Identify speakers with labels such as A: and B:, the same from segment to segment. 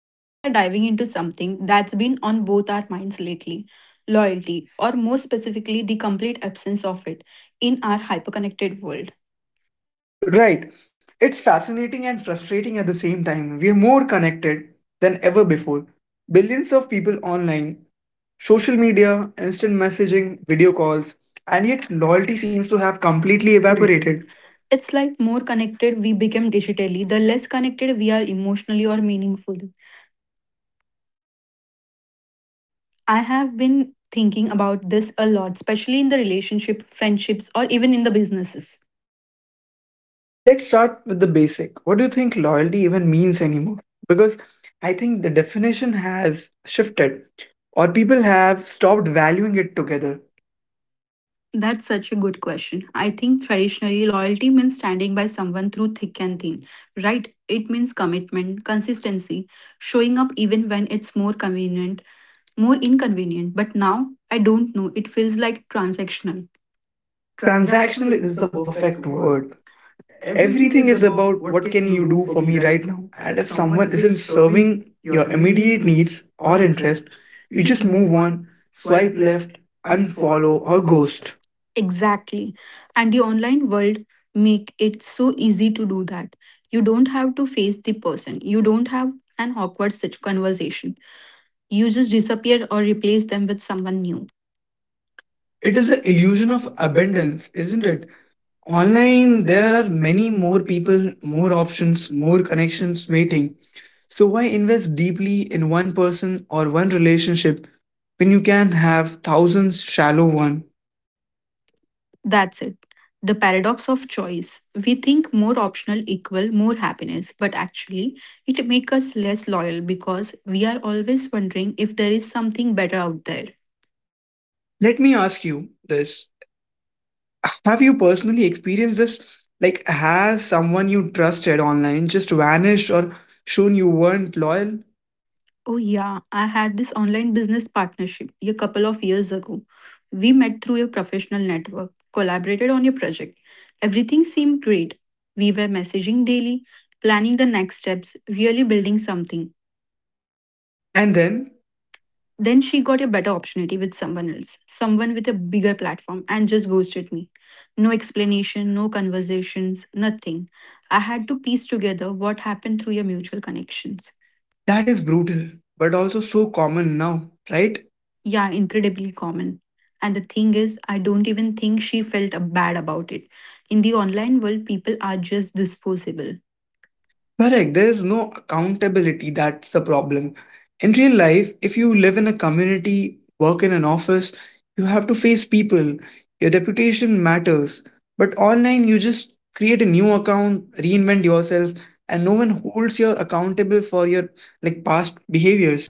A: Today we are diving into something that's been on both our minds lately loyalty, or more specifically, the complete absence of it in our hyperconnected world.
B: Right, it's fascinating and frustrating at the same time. We are more connected than ever before. Billions of people online, social media, instant messaging, video calls, and yet loyalty seems to have completely
A: Evaporated.
B: evaporated.
A: It's like more connected we became digitally, the less connected we are emotionally or meaningfully. I have been thinking about this a lot, especially in the relationship, friendships, or even in the businesses.
B: Let's start with the basic. What do you think loyalty even means anymore? Because I think the definition has shifted, or people have stopped valuing it together.
A: That's such a good question. I think traditionally, loyalty means standing by someone through thick and thin, right? It means commitment, consistency, showing up even when it's more convenient, more inconvenient. But now, I don't know, it feels like transactional.
B: Transactional
A: Transactional is
B: is
A: the
B: the
A: perfect
B: perfect
A: word
B: word.
A: everything
B: Everything
A: is
B: is
A: about
B: about
A: what
B: what
A: can
B: can
A: you
B: you
A: do
B: do
A: for
B: for
A: me
B: me
A: right
B: right
A: now,
B: now.
A: and
B: And
A: if
B: if
A: someone
B: someone
A: isn't
B: isn't
A: serving
B: serving
A: your
B: your
A: immediate
B: immediate
A: needs
B: needs
A: or
B: or
A: interest,
B: interest,
A: you
B: you
A: just
B: just
A: move
B: move
A: on,
B: on,
A: swipe
B: swipe
A: left,
B: left,
A: unfollow
B: unfollow,
A: or
B: or
A: ghost.
B: ghost.
A: Exactly. And the online world make it so easy to do that. You don't have to face the person. You don't have an awkward such conversation. You just disappear or replace them with someone new. It
B: It
A: is
B: is
A: the
B: the
A: illusion
B: illusion
A: of
B: of
A: abundance,
B: abundance,
A: isn't
B: isn't
A: it?
B: it?
A: Online,
B: Online,
A: there are
B: there are
A: many
B: many
A: more
B: more
A: people,
B: people,
A: more
B: more
A: options,
B: options,
A: more
B: more
A: connections
B: connections
A: waiting.
B: waiting. So why invest deeply in one person or one relationship when you can have thousands shallow ones?
A: That's it. The paradox of choice. We think more optional equal more happiness, but actually it makes us less loyal because we are always wondering if there is something better out there.
B: Let me ask you this. Have you personally experienced this? Like, has someone you trusted online just vanished or shown you weren't loyal?
A: Oh, yeah. I had this online business partnership a couple of years ago. We met through a professional network, collaborated on a project. Everything seemed great. We were messaging daily, planning the next steps, really building something.
B: And then
A: Then she got a better opportunity with someone else, someone with a bigger platform, and just ghosted me. No explanation, no conversations, nothing. I had to piece together what happened through your mutual connections.
B: that is brutal, but also so common now, right?
A: Yeah, incredibly common. And the thing is, I don't even think she felt bad about it. In the online world, people are just disposable.
B: Correct. There is no accountability. That's the problem. In real life, if you live in a community, work in an office, you have to face people. Your reputation matters. But online, you just create a new account, reinvent yourself, and no one holds you accountable for your like past behaviors.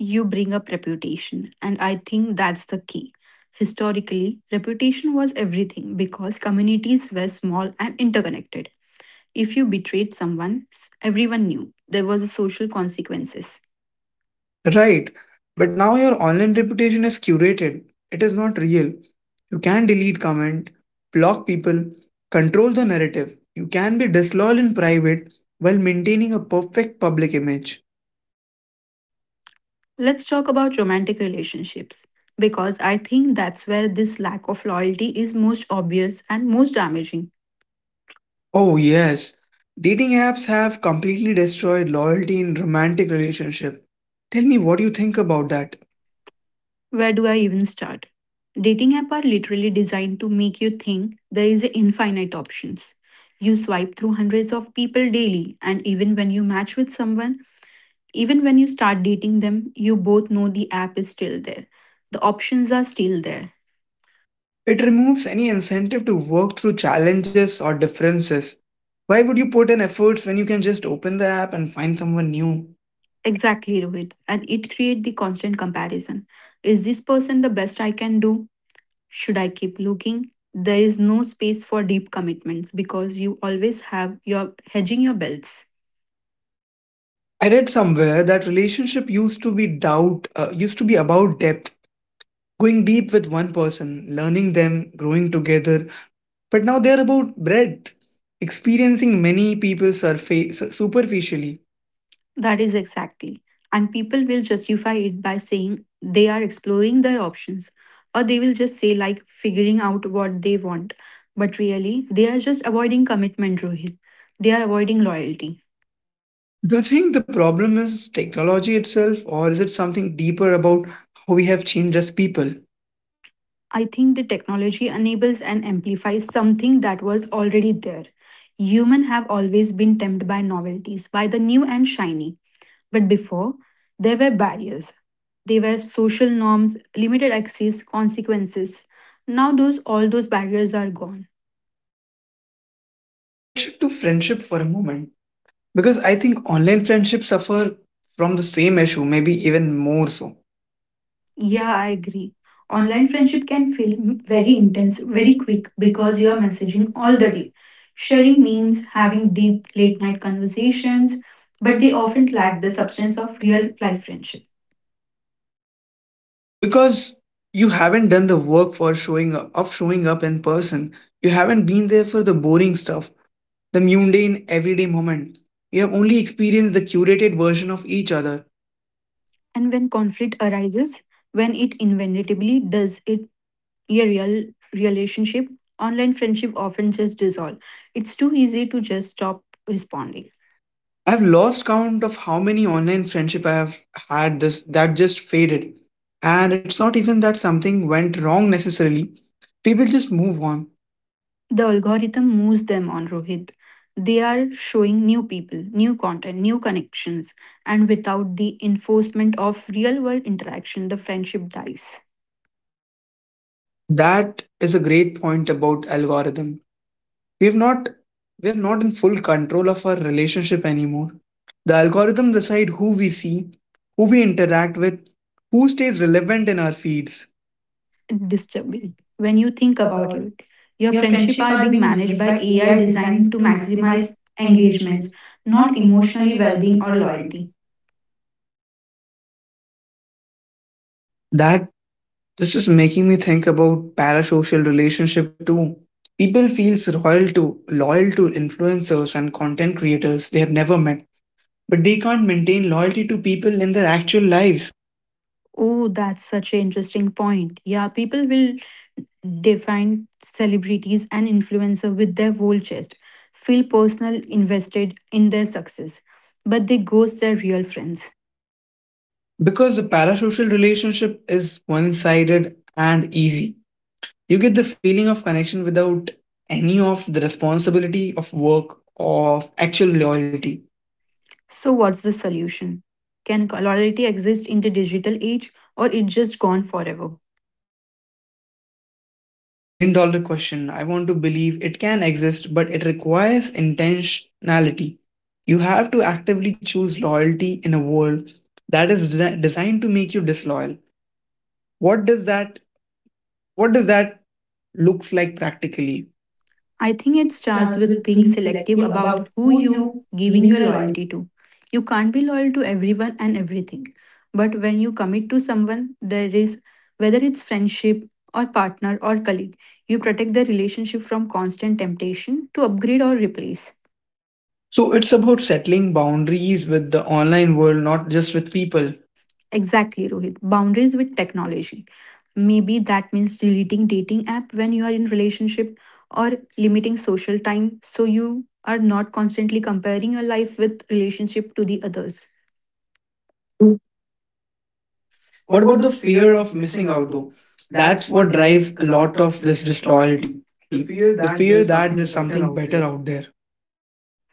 A: You bring up reputation, and I think that's the key. Historically, reputation was everything because communities were small and interconnected. If you betrayed someone, everyone knew there was a social consequences.
B: Right. But now your online reputation is curated. It is not real. You can delete comment, block people, control the narrative. You can be disloyal in private while maintaining a perfect public image.
A: Let's talk about romantic relationships because I think that's where this lack of loyalty is most obvious and most damaging.
B: Oh yes. Dating apps have completely destroyed loyalty in romantic relationship. Tell me what you think about that.
A: Where do I even start? Dating apps are literally designed to make you think there is infinite options. You swipe through hundreds of people daily, and even when you match with someone, even when you start dating them, you both know the app is still there. The options are still there.
B: It removes any incentive to work through challenges or differences. Why would you put in efforts when you can just open the app and find someone new?
A: Exactly, Rohit. And it creates the constant comparison. Is this person the best I can do? Should I keep looking? There is no space for deep commitments because you always have your hedging your belts.
B: I read somewhere that relationship used to be doubt used to be about depth, going deep with one person, learning them, growing together. But now they're about breadth, experiencing many people surface superficially.
A: That is exactly. And people will justify it by saying they are exploring their options, or they will just say, like, figuring out what they want. But really, they are just avoiding commitment, Rohit. They are avoiding loyalty.
B: Do you think the problem is technology itself, or is it something deeper about how we have changed as people?
A: I think the technology enables and amplifies something that was already there. Humans have always been tempted by novelties, by the new and shiny. But before, there were barriers. They were social norms, limited access, consequences. Now those all those barriers are gone.
B: Let's shift to friendship for a moment because I think online friendships suffer from the same issue, maybe even more so.
A: Yeah, I agree. Online
B: Online
A: friendship
B: friendship
A: can
B: can
A: feel
B: feel very
A: very intense,
B: intense,
A: very
B: very quick
A: quick because
B: because
A: you
B: you
A: are
B: are
A: messaging
B: messaging all
A: all the
B: the day.
A: day, sharing
B: Sharing
A: memes,
B: means having
A: having
B: deep
A: deep late
B: late
A: night
B: night
A: conversations,
B: conversations,
A: but
B: but
A: they
B: they
A: often
B: often
A: lack
B: lack
A: the
B: the
A: substance
B: substance
A: of
B: of real
A: real life
B: life friendship,
A: friendship.
B: because you haven't done the work for showing up in person. You haven't been there for the boring stuff, the mundane everyday moment. You have only experienced the curated version of each other.
A: And when conflict arises, when it inevitably does it your real relationship, online friendship often just dissolve. It's too easy to just stop responding.
B: I've lost count of how many online friendship I have had this that just faded. And it's not even that something went wrong necessarily. People just move on.
A: The algorithm moves them on, Rohit. They are showing new people, new content, new connections, and without the enforcement of real world interaction, the friendship dies.
B: That is a great point about algorithm. We've not we're not in full control of our relationship anymore. The algorithm decide who we see, who we interact with, who stays relevant in our feeds.
A: Disturbing. When you think about it, your
B: Your
A: friendship
B: friendship
A: are
B: are
A: being
B: being
A: managed
B: managed
A: by
B: by
A: AI
B: AI
A: designed
B: designed
A: to
B: to
A: maximize
B: maximize
A: engagements,
B: engagements,
A: not
B: not
A: emotionally
B: emotionally
A: well being
B: well-being
A: or
B: or loyalty.
A: loyalty.
B: That this is making me think about parasocial relationship too. People feels loyal to influencers and content creators they have never met, but they can't maintain loyalty to people in their actual lives
A: Oh, that's such an interesting point. Yeah, people will define celebrities and influencers with their whole chest, feel personal invested in their success, but they ghost their real friends.
B: because the parasocial relationship is one-sided and easy. You get the feeling of connection without any of the responsibility of work or of actual loyalty.
A: So what's the solution? Can loyalty exist in the digital age, or it just gone forever?
B: That is a million dollar question. I want to believe it can exist, but it requires intentionality. You have to actively choose loyalty in a world that is designed to make you disloyal. What does that what does that looks like practically?
A: I think it
B: It
A: starts
B: starts
A: with
B: with
A: being
B: being
A: selective
B: selective
A: about
B: about
A: who
B: who
A: you
B: you
A: giving
B: giving
A: your
B: your loyalty.
A: loyalty to. You can't be loyal to everyone and everything. But when you commit to someone, there is whether it's friendship or partner or colleague, you protect the relationship from constant temptation to upgrade or replace.
B: So it's about settling boundaries with the online world, not just with people.
A: Exactly, Rohit. Boundaries with technology. Maybe that means deleting dating app when you are in relationship, or limiting social time so you are not constantly comparing your life with relationship to the others. What
B: What
A: about
B: about
A: the
B: the
A: fear
B: fear
A: of
B: of
A: missing
B: missing
A: out
B: out
A: though?
B: though?
A: That's
B: That's
A: what
B: what
A: drives
B: drives
A: a
B: a
A: lot
B: lot
A: of
B: of
A: this
B: this
A: disloyalty.
B: disloyalty.
A: The
B: The
A: fear
B: fear
A: that
B: that
A: there's
B: there's
A: something
B: something
A: better
B: better
A: out
B: out
A: there.
B: there.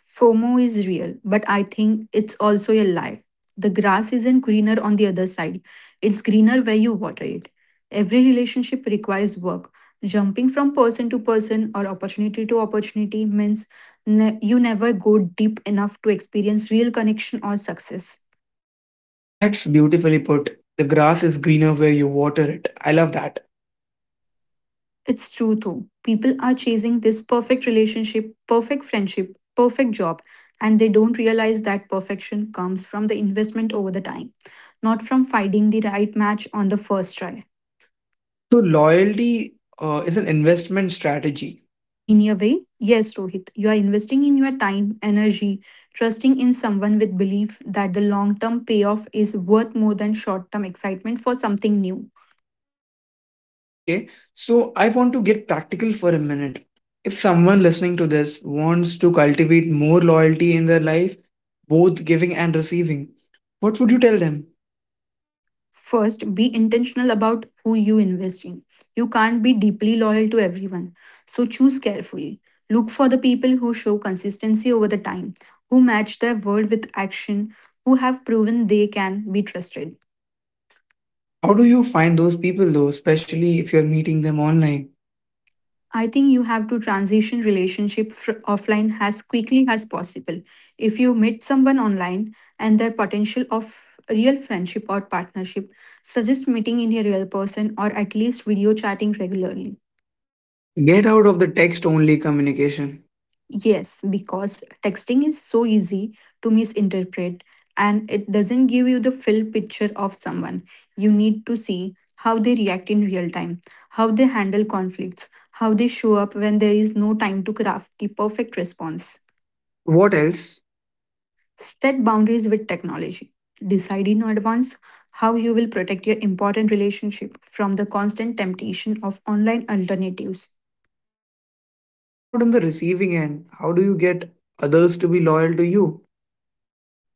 A: FOMO is real, but I think it's also a lie. The grass isn't greener on the other side, it's greener where you water it. Every relationship requires work. Jumping from person to person or opportunity to opportunity means you never go deep enough to experience real connection or success.
B: That's beautifully put. The grass is greener where you water it. I love that.
A: It's true though. People are chasing this perfect relationship, perfect friendship, perfect job, and they don't realize that perfection comes from the investment over the time, not from finding the right match on the first try.
B: So loyalty is an investment strategy.
A: In your way, yes, Rohit, you are investing in your time, energy, trusting in someone with belief that the long term payoff is worth more than short term excitement for something new.
B: Okay, so I want to get practical for a minute. If someone listening to this wants to cultivate more loyalty in their life, both giving and receiving, what would you tell them?
A: First, be intentional about who you invest in. You can't be deeply loyal to everyone, so choose carefully. Look for the people who show consistency over the time, who match their word with action, who have proven they can be trusted.
B: How do you find those people though, especially if you're meeting them online?
A: I think you have to transition relationship offline as quickly as possible. If you meet someone online and their potential of real friendship or partnership, suggest meeting in a real person or at least video chatting regularly.
B: Get out of the text only communication.
A: Yes, because texting is so easy to misinterpret, and it doesn't give you the full picture of someone. You need to see how they react in real time, how they handle conflicts, how they show up when there is no time to craft the perfect response.
B: What else?
A: Set boundaries with technology. Decide in advance how you will protect your important relationship from the constant temptation of online alternatives.
B: What about on the receiving end? How do you get others to be loyal to you?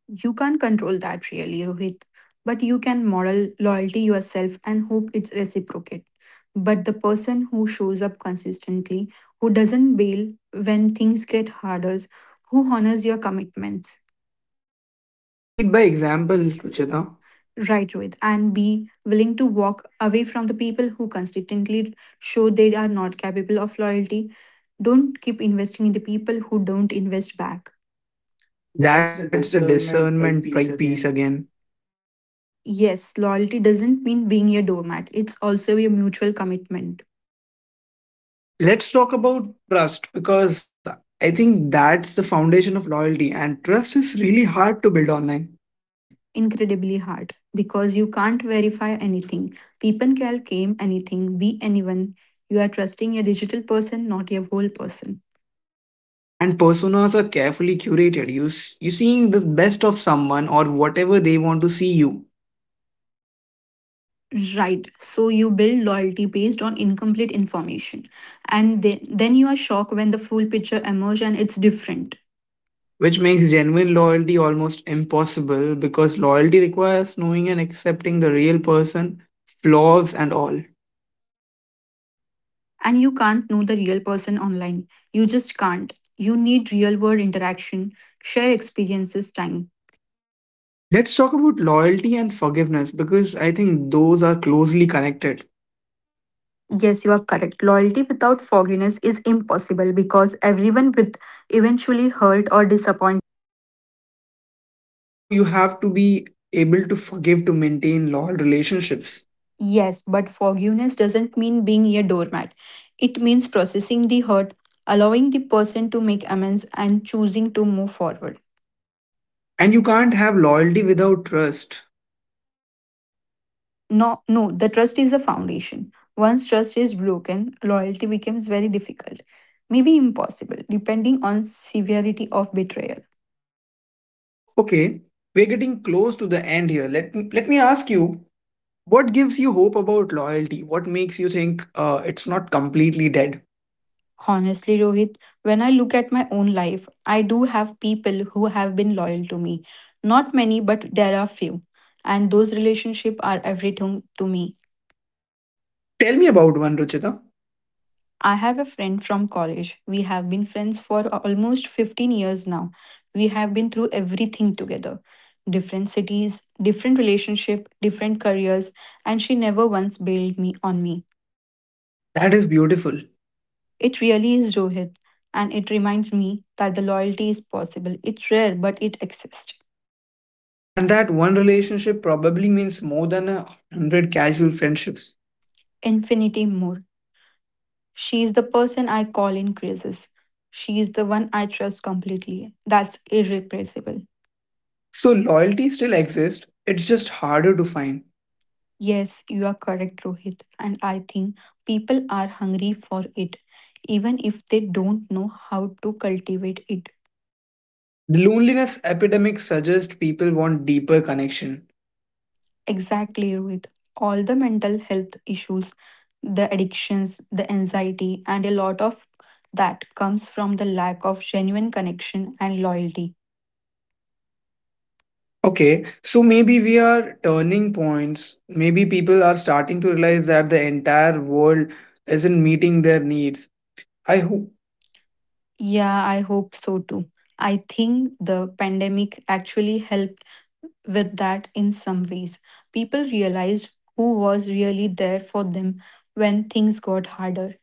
A: You can't control that really, Rohit. But you can model loyalty yourself and hope it's reciprocate. But the person who shows up consistently, who doesn't bail when things get harder, who honors your commitments.
B: Lead by
A: Example,
B: example,
A: Ruchita.
B: Ruchita.
A: Right, Rohit. And be willing to walk away from the people who consistently show they are not capable of loyalty. Don't keep investing in the people who don't invest back. That's
B: That's
A: the
B: the
A: discernment
B: discernment
A: piece
B: piece
A: again.
B: again.
A: Yes, loyalty doesn't mean being a doormat. It's also a mutual commitment.
B: Let's talk about trust because I think that's the foundation of loyalty, and trust is really hard to build online.
A: Incredibly hard because you can't verify anything. People can claim anything, be anyone. You are trusting a digital person, not a whole person.
B: And personas are carefully curated. You seeing the best of someone or whatever they want to see you,
A: Right. So you build loyalty based on incomplete information. And then you are shocked when the full picture emerges and it's different.
B: which makes genuine loyalty almost impossible because loyalty requires knowing and accepting the real person, flaws and all.
A: And you can't know the real person online. You just can't. You need real world interaction, share experiences, time.
B: Let's talk about loyalty and forgiveness because I think those are closely connected.
A: Yes, you are correct. Loyalty without forgiveness is impossible because everyone will eventually hurt or disappoint.
B: So you have to be able to forgive to maintain loyal relationships.
A: Yes, but forgiveness doesn't mean being a doormat. It means processing the hurt, allowing the person to make amends, and choosing to move forward.
B: And you can't have loyalty without trust.
A: No, the trust is a foundation. Once trust is broken, loyalty becomes very difficult, maybe impossible, depending on severity of betrayal.
B: Okay, we're getting close to the end here. Let me ask you, what gives you hope about loyalty? What makes you think it's not completely dead?
A: Honestly, Rohit, when I look at my own life, I do have people who have been loyal to me. Not many, but there are few. And those relationships are everything to me.
B: Tell me about one, Ruchita.
A: I have a friend from college. We have been friends for almost 15 years now. We have been through everything together different cities, different relationship, different careers, and she never once bailed me on me.
B: That is beautiful.
A: It really is Rohit, and it reminds me that the loyalty is possible. It's rare, but it exists.
B: And that one relationship probably means more than 100 casual friendships.
A: Infinity more. She is the person I call in crisis. She is the one I trust completely. That's irrepressible.
B: So loyalty still exists. It's just harder to find.
A: Yes, you are correct, Rohit. And I think people are hungry for it, even if they don't know how to cultivate it.
B: The loneliness epidemic suggests people want deeper connection.
A: Exactly, Rohit. All the mental health issues, the addictions, the anxiety, and a lot of that comes from the lack of genuine connection and loyalty.
B: Okay, so maybe we are turning points. Maybe people are starting to realize that the entire world isn't meeting their needs. I hope
A: Yeah, I hope so too. I think the pandemic actually helped with that in some ways. People realized who was really there for them when things got harder.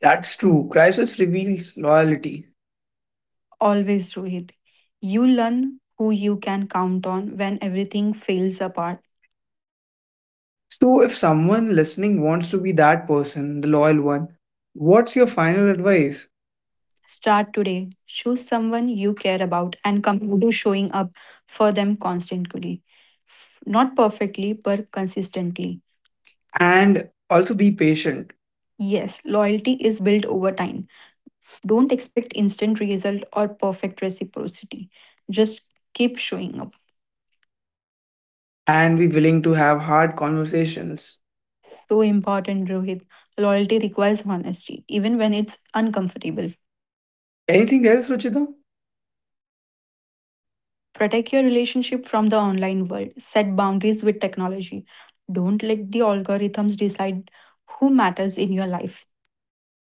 A: That's
B: that's
A: true.
B: true. Crisis reveals loyalty.
A: Always, Rohit. You learn who you can count on when everything falls apart.
B: So, if someone listening wants to be that person, the loyal one, what's your final advice?
A: Start today. Choose someone you care about and commit to showing up for them constantly. Not perfectly, but consistently.
B: And also be patient,
A: Yes, loyalty is built over time. Don't expect instant result or perfect reciprocity. Just keep showing up.
B: and be willing to have hard conversations.
A: So important, Rohit. Loyalty requires honesty, even when it's uncomfortable.
B: Anything else, Ruchita?
A: Protect your relationship from the online world. Set boundaries with technology. Don't let the algorithms decide who matters in your life.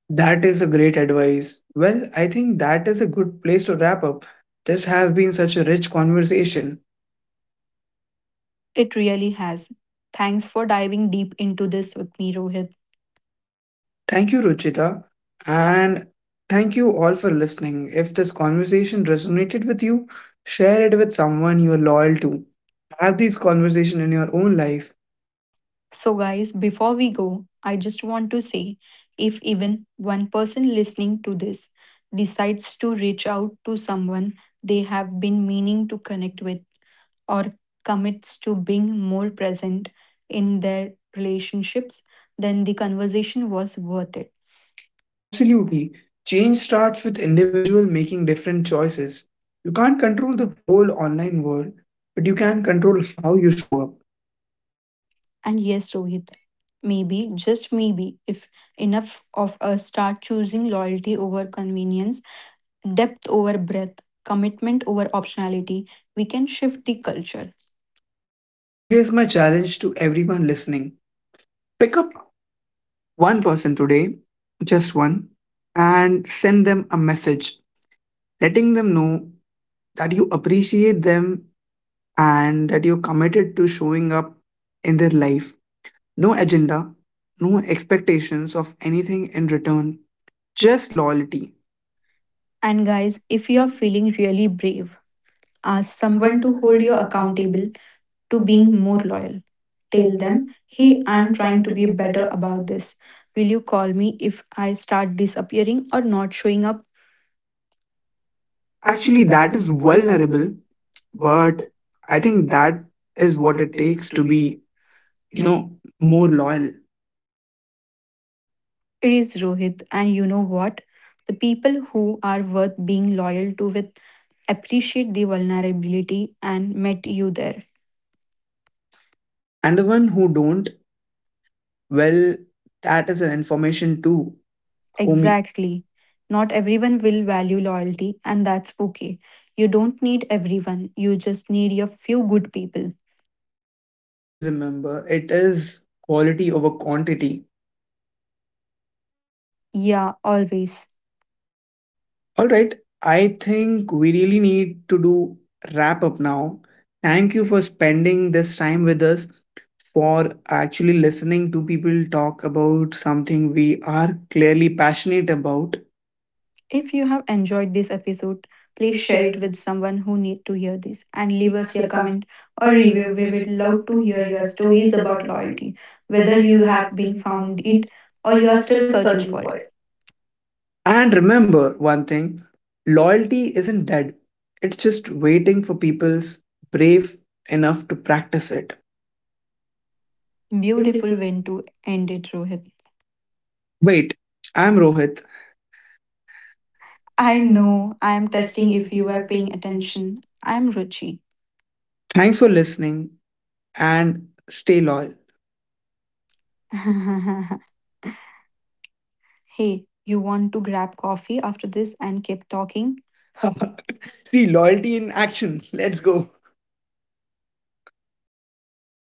B: That is a great advice. Well, I think that is a good place to wrap up. This has been such a rich conversation.
A: It really has. Thanks for diving deep into this with me, Rohit.
B: Thank you, Ruchita. And thank you all for listening. If this conversation resonated with you, share it with someone you are loyal to. Have these conversations in your own life.
A: So, guys, before we go, I just want to say if even one person listening to this decides to reach out to someone they have been meaning to connect with, or commits to being more present in their relationships, then the conversation was worth it.
B: Absolutely. Change starts with individual making different choices. You can't control the whole online world, but you can control how you show up.
A: And yes, Rohit, maybe, just maybe, if enough of us start choosing loyalty over convenience, depth over breadth, commitment over optionality, we can shift the culture.
B: So here's my challenge to everyone listening. Pick up one person today, just one, and send them a message letting them know that you appreciate them and that you're committed to showing up in their life. No agenda, no expectations of anything in return, just loyalty.
A: And guys, if you
B: you
A: are
B: know,
A: feeling really brave, ask someone
B: Someone to
A: to
B: hold
A: hold you
B: you accountable
A: accountable to
B: to
A: being
B: being
A: more
B: more loyal.
A: loyal.
B: Tell
A: Tell them,
B: them,
A: hey,
B: see,
A: I'm
B: I'm
A: trying
B: trying
A: to
B: to
A: be
B: be
A: better
B: better
A: about
B: about it.
A: this. Will you call me if I start disappearing or not showing up? Actually,
B: Actually,
A: that
B: that
A: is
B: is
A: vulnerable,
B: vulnerable, but
A: but I
B: I
A: think
B: think
A: that
B: that
A: is
B: is
A: what
B: what
A: it
B: it
A: takes
B: takes
A: to
B: to
A: be you.
B: be, you know more loyal.
A: It is Rohit, and you know what? The people who are worth being loyal to with appreciate the vulnerability and met you there.
B: And the one who don't, well, that is an information too, homie.
A: Exactly. Not everyone will value loyalty, and that's okay. You don't need everyone, you just need a few good people.
B: Always remember it is quality over quantity.
A: Yeah, always.
B: All right, I think we really need to do wrap up now. Thank you for spending this time with us, for actually listening to people talk about something we are clearly passionate about.
A: If you have enjoyed this episode, please share it with someone who need to hear this and leave
B: Leave
A: us
B: us
A: your
B: a comment
A: comment or
B: or
A: review.
B: review.
A: We
B: We
A: would
B: would
A: love
B: love
A: to
B: to
A: hear
B: hear
A: your
B: your
A: stories
B: stories
A: about
B: about loyalty,
A: loyalty, whether
B: whether
A: you
B: you
A: have
B: have
A: been
B: been
A: found
B: found
A: it
B: it
A: or
B: or
A: you
B: you
A: are
B: are
A: still
B: still
A: searching
B: searching
A: for
B: for
A: it.
B: it. And remember one thing, loyalty isn't dead, it's just waiting for people's brave enough to practice it. Beautiful.
A: Beautiful way to end it, Rohit.
B: Wait, I'm Rohit.
A: I
B: And no,
A: know I am testing
B: testing
A: if
B: if
A: you
B: you
A: are
B: are
A: paying
B: paying attention.
A: attention. I am Ruchi.
B: Thanks for listening and stay loyal.
A: Hey, you want to grab coffee after this and keep talking?
B: See, loyalty in action. Let's go.